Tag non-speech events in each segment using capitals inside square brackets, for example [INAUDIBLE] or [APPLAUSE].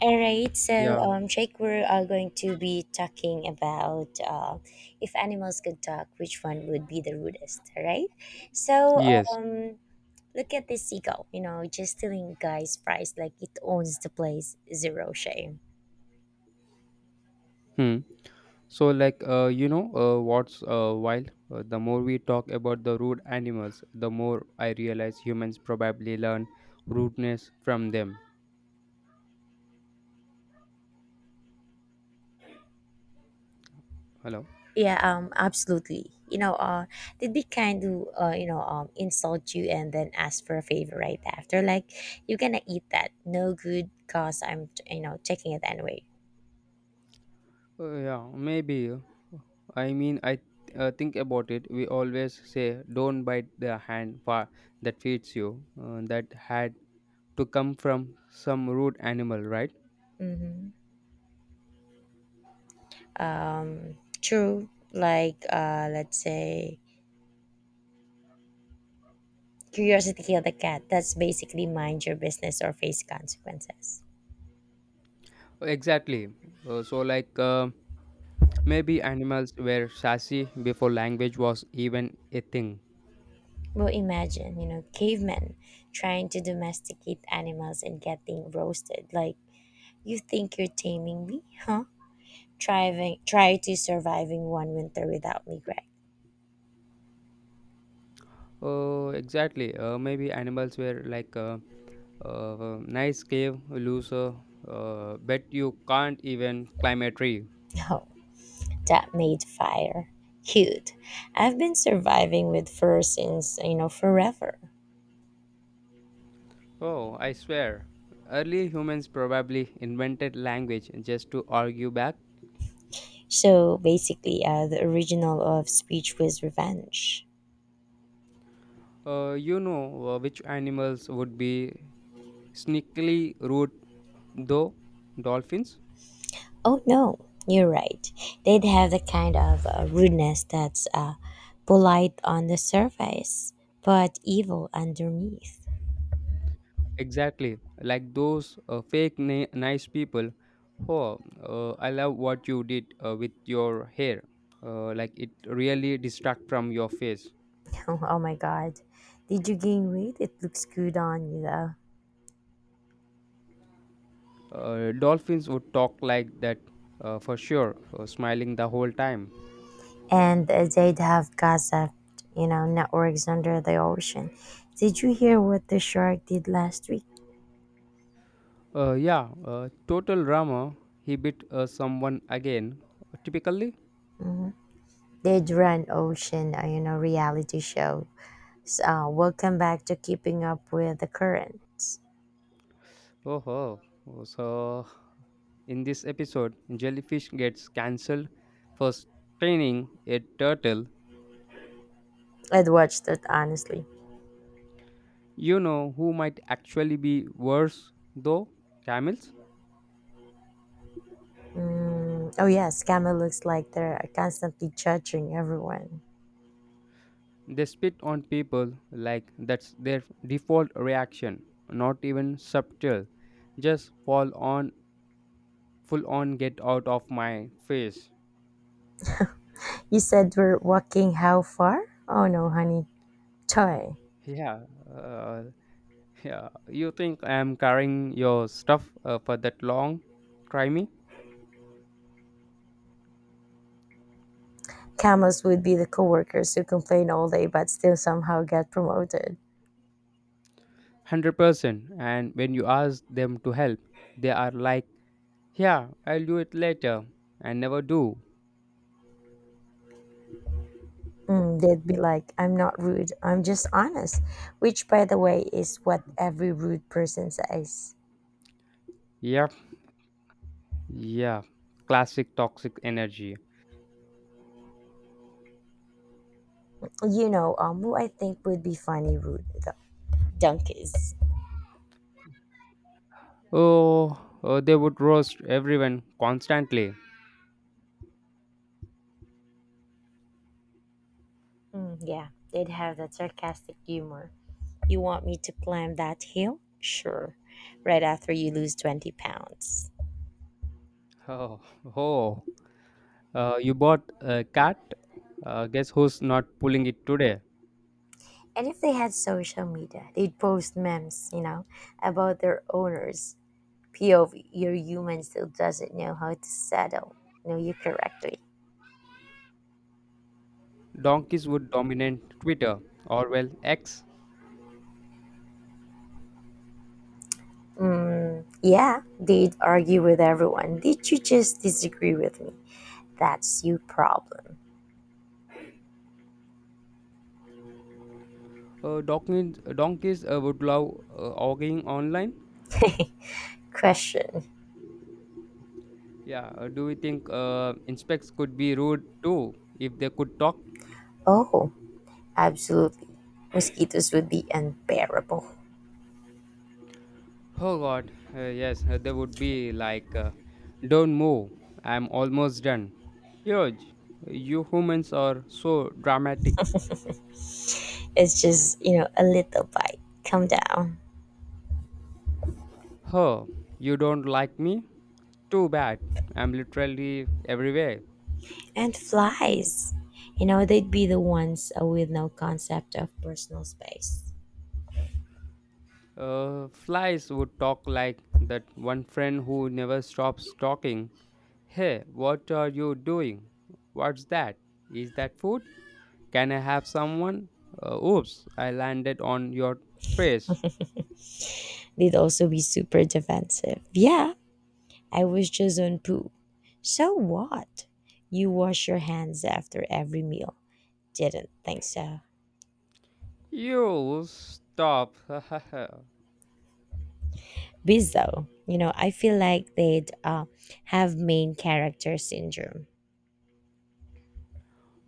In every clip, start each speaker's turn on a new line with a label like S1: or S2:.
S1: All right,
S2: Yeah.
S1: Jake, we're going to be talking about if animals could talk, which one would be the rudest, all right? So
S2: Yes.
S1: um, Look at this seagull, you know, just stealing guys' prize like it owns the place, zero shame.
S2: Hmm. So, like, what's wild? The more we talk about the rude animals, the more I realize humans probably learn rudeness from them. Hello.
S1: Yeah, absolutely. They'd be kind to, insult you and then ask for a favor right after. Like, you're gonna eat that. No good, cause I'm, you know, taking it anyway.
S2: Yeah. Maybe. I mean, I think about it. We always say, "Don't bite the hand far that feeds you." That had to come from some rude animal, right?
S1: Mm-hmm. True. Let's say, curiosity killed the cat. That's basically mind your business or face consequences.
S2: Exactly. So, like, maybe animals were sassy before language was even a thing.
S1: Well, imagine, you know, cavemen trying to domesticate animals and getting roasted. Like, you think you're taming me, huh? Thriving, try to surviving one winter without me, Greg.
S2: Oh, exactly. Maybe animals were like nice cave loser. Bet you can't even climb a tree.
S1: No, that made fire. Cute. I've been surviving with fur since, you know, forever.
S2: Oh, I swear. Early humans probably invented language just to argue back.
S1: So basically, the original of Speech was revenge.
S2: Which animals would be sneakily rude though? Dolphins?
S1: Oh no, you're right. They'd have the kind of rudeness that's polite on the surface, but evil underneath. [LAUGHS]
S2: Exactly, like those fake nice people. Oh, I love what you did with your hair. Like it really distract from your face.
S1: Oh, my god. Did you gain weight? It looks good on you though.
S2: Dolphins would talk like that for sure, smiling the whole time.
S1: And they'd have gossip, you know, networks under the ocean. Did you hear what the shark did last week?
S2: Yeah, total drama. He bit someone again. Typically.
S1: They'd run ocean, reality show. So, welcome back to Keeping Up with the Currents.
S2: Oh, oh. Oh, so in this episode, jellyfish gets cancelled for staining a turtle.
S1: I'd watched it honestly.
S2: You know who might actually be worse though? Camels.
S1: Mm, oh, yes, Camel looks like they're constantly judging everyone.
S2: They spit on people like that's their default reaction, not even subtle. Just full on, get out of my face.
S1: You said we're walking how far? Oh no, honey. Toy.
S2: Yeah, uh, yeah. You think I'm carrying your stuff for that long? Try me.
S1: Camels would be the coworkers who complain all day but still somehow get promoted.
S2: 100%. And when you ask them to help, they are like, yeah, I'll do it later, and never do.
S1: Mm, they'd be like, I'm not rude, I'm just honest. Which, by the way, is what every rude person says.
S2: Yep. Yeah, classic toxic energy.
S1: Who I think would be funny rude, though. Donkeys.
S2: Oh, they would roast everyone constantly.
S1: Mm, yeah, they'd have that sarcastic humor. You want me to climb that hill? Sure. Right after you lose 20 pounds.
S2: Oh, [LAUGHS] oh. You bought a cat? Guess who's not pulling it today?
S1: And if they had social media, they'd post memes, you know, about their owners. POV, your human still doesn't know how to settle. Know you correctly.
S2: Donkeys would dominate Twitter, or well, X.
S1: Mm, yeah, they'd argue with everyone. Did you just disagree with me? That's your problem.
S2: Donkeys would love arguing online.
S1: [LAUGHS] Question.
S2: Yeah, do you think inspects could be rude too if they could talk?
S1: Oh, absolutely. Mosquitoes would be unbearable.
S2: Oh God, yes, they would be like, don't move, I'm almost done. Huge, you humans are so dramatic.
S1: It's just, you know, a little bite. Come down.
S2: Huh, you don't like me? Too bad, I'm literally everywhere.
S1: And flies. You know, they'd be the ones with no concept of personal space.
S2: Flies would talk like that one friend who never stops talking. Hey, what are you doing? What's that? Is that food? Can I have someone? Oops, I landed on your face.
S1: They'd also be super defensive. Yeah, I was just on poo. So what? You wash your hands after every meal. Didn't think so.
S2: You stop. [LAUGHS]
S1: Bees, though, you know, I feel like they'd have main character syndrome.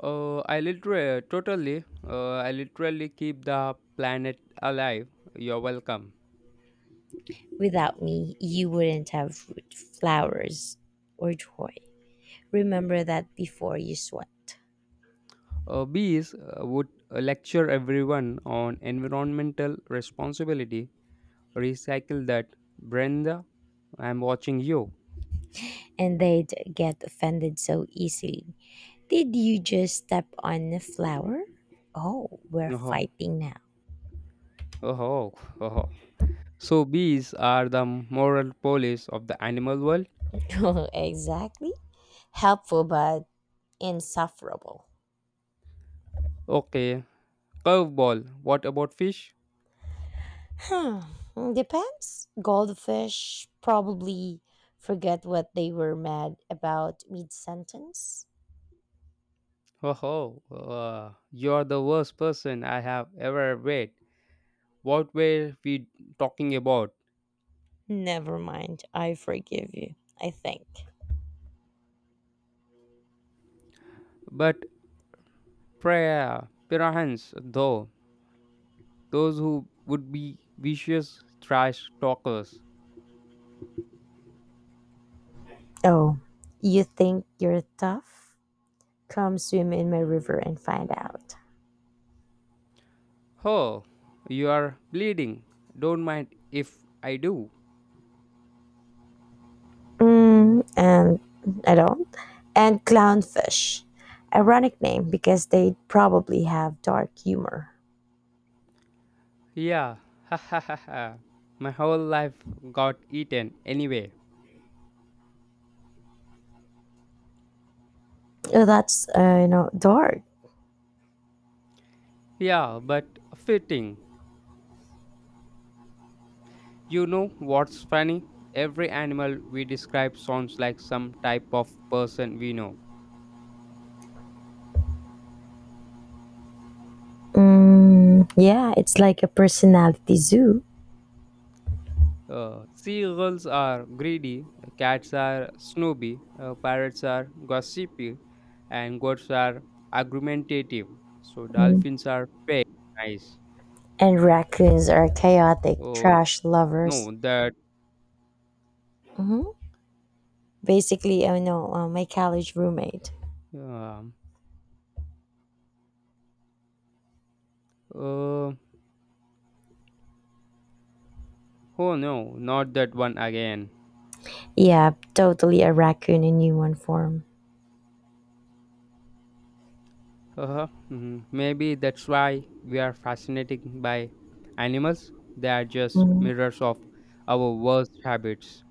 S2: I literally keep the planet alive. You're welcome.
S1: Without me, you wouldn't have fruit, flowers, or joy. Remember that before you sweat.
S2: Bees would lecture everyone on environmental responsibility. Recycle that, Brenda. I'm watching you.
S1: And they'd get offended so easily. Did you just step on a flower? Oh, we're
S2: Oh,
S1: fighting now.
S2: oh, oh. So bees are the moral police of the animal world.
S1: [LAUGHS] Exactly. Helpful, but insufferable.
S2: Okay, curveball. What about fish?
S1: Hmm, depends. Goldfish probably forget what they were mad about mid sentence.
S2: Oh, you're the worst person I have ever met. What were we talking about?
S1: Never mind. I forgive you. I think.
S2: But prayer, perchance, though, those who would be vicious trash talkers.
S1: Oh, you think you're tough? Come swim in my river and find out.
S2: Oh, you are bleeding. Don't mind if I do.
S1: Mm, and I don't. And clownfish. Ironic name because they probably have dark humor.
S2: Yeah, [LAUGHS] ha ha ha ha. My whole life got eaten anyway.
S1: Oh, that's, dark.
S2: Yeah, but fitting. You know what's funny? Every animal we describe sounds like some type of person we know.
S1: Mm, yeah, it's like a personality zoo.
S2: Seagulls are greedy, cats are snobby, parrots are gossipy, and goats are argumentative. So
S1: Mm.
S2: dolphins are nice.
S1: And raccoons are chaotic,
S2: Oh
S1: trash lovers.
S2: no, that.
S1: Hmm. Basically, I know my college roommate.
S2: um uh, oh no, not that one again.
S1: Yeah, totally a raccoon in human form.
S2: Uh-huh. Mhm. Maybe that's why we are fascinated by animals. They are just mirrors of our worst habits.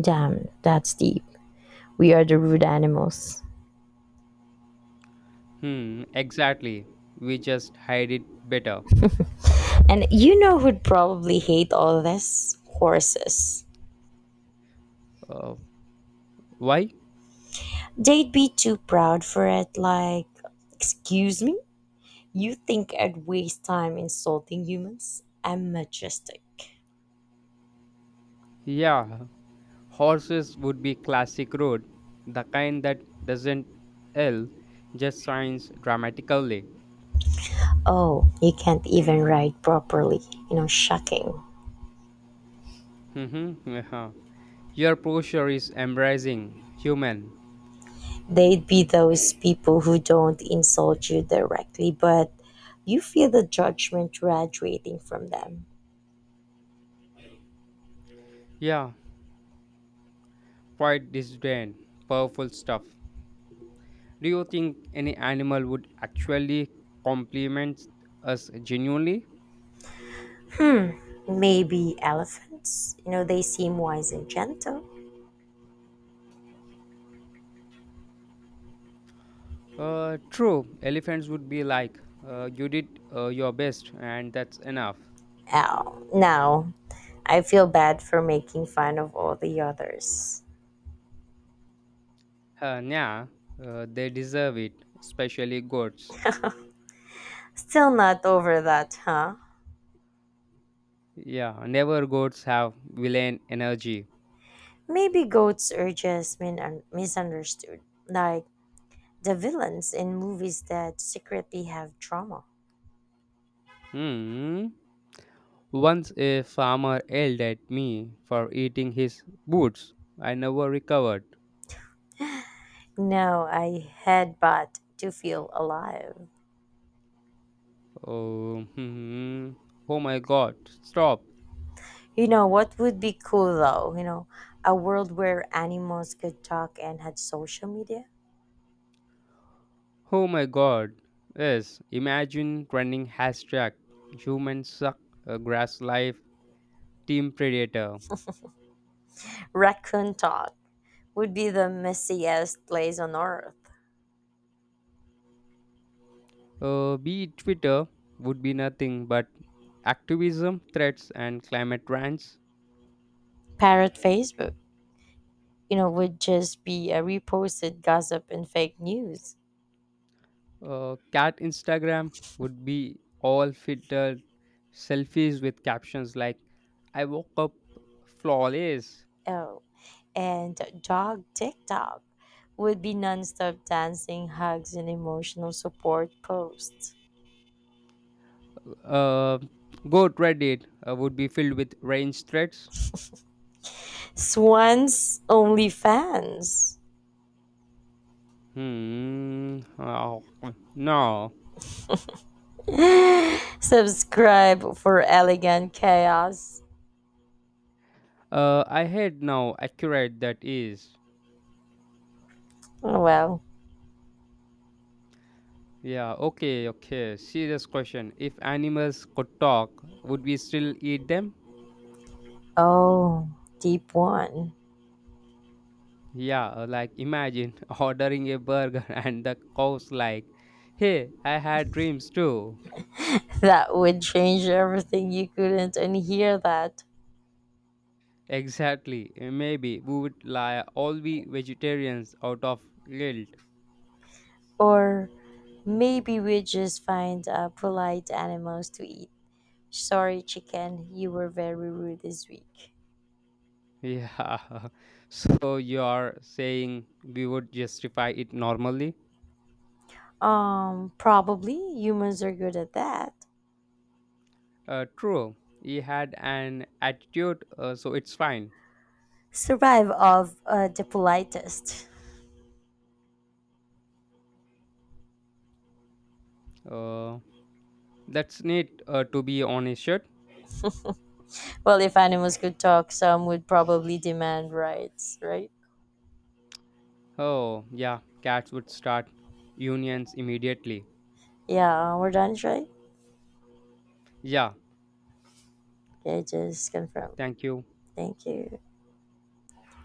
S1: Damn, that's deep. We are the rude animals.
S2: Hmm, exactly. We just hide it better.
S1: And you know who'd probably hate all this? Horses.
S2: Uh, why?
S1: They'd be too proud for it, like, excuse me? You think I'd waste time insulting humans? I'm majestic.
S2: Yeah, horses would be classic road, the kind that doesn't L, just signs dramatically.
S1: Oh, you can't even ride properly. You know, shocking.
S2: Mm-hmm. Uh-huh. Your posture is embracing, human.
S1: They'd be those people who don't insult you directly, but you feel the judgment graduating from them.
S2: Yeah, quite disdain, powerful stuff. Do you think any animal would actually compliment us genuinely?
S1: Maybe elephants? You know, they seem wise and gentle.
S2: True, elephants would be like, you did your best and that's enough.
S1: Ow. Now, I feel bad for making fun of all the others.
S2: Yeah, they deserve it, especially goats.
S1: Still not over that, huh?
S2: Yeah, never goats have villain energy.
S1: Maybe goats are just misunderstood, like the villains in movies that secretly have trauma.
S2: Hmm. Once a farmer yelled at me for eating his boots. I never recovered.
S1: No, I headbutt to feel alive.
S2: Oh, [LAUGHS] oh my god, stop.
S1: You know, what would be cool though? You know, a world where animals could talk and had social media?
S2: Oh my god. Yes, imagine running #HumansSuck, grass life, team predator.
S1: Raccoon talk would be the messiest place on earth.
S2: Be Twitter would be nothing but activism, threats, and climate rants.
S1: Parrot Facebook, you know, would just be a reposted gossip and fake news.
S2: Cat Instagram would be all filtered selfies with captions like I woke up flawless.
S1: Oh, and dog TikTok would be nonstop dancing, hugs, and emotional support posts.
S2: Uh, Goat Reddit would be filled with range threats.
S1: Swans OnlyFans,
S2: Hmm. Oh, no.
S1: [GASPS] [LAUGHS] subscribe for elegant chaos.
S2: I had now accurate that is.
S1: Oh, well,
S2: Yeah, okay, okay. Serious question. If animals could talk, would we still eat them?
S1: oh, deep one.
S2: Yeah, like imagine [LAUGHS] ordering a burger [LAUGHS] and the cow's like, hey, I had dreams too.
S1: That would change everything. You couldn't unhear that.
S2: Exactly. Maybe we would lie all be vegetarians out of guilt.
S1: Or maybe we just find polite animals to eat. Sorry, chicken, you were very rude this week.
S2: Yeah. [LAUGHS] So you're saying we would justify it normally?
S1: Probably humans are good at that.
S2: True. He had an attitude, so it's fine.
S1: Survive of the politest.
S2: Uh, that's neat to be on his shirt.
S1: Well, if animals could talk, some would probably demand rights, right?
S2: Oh, yeah. Cats would start unions immediately.
S1: Yeah, we're done, right?
S2: Yeah.
S1: Okay, just
S2: Yeah,
S1: confirm.
S2: thank you.
S1: Thank you.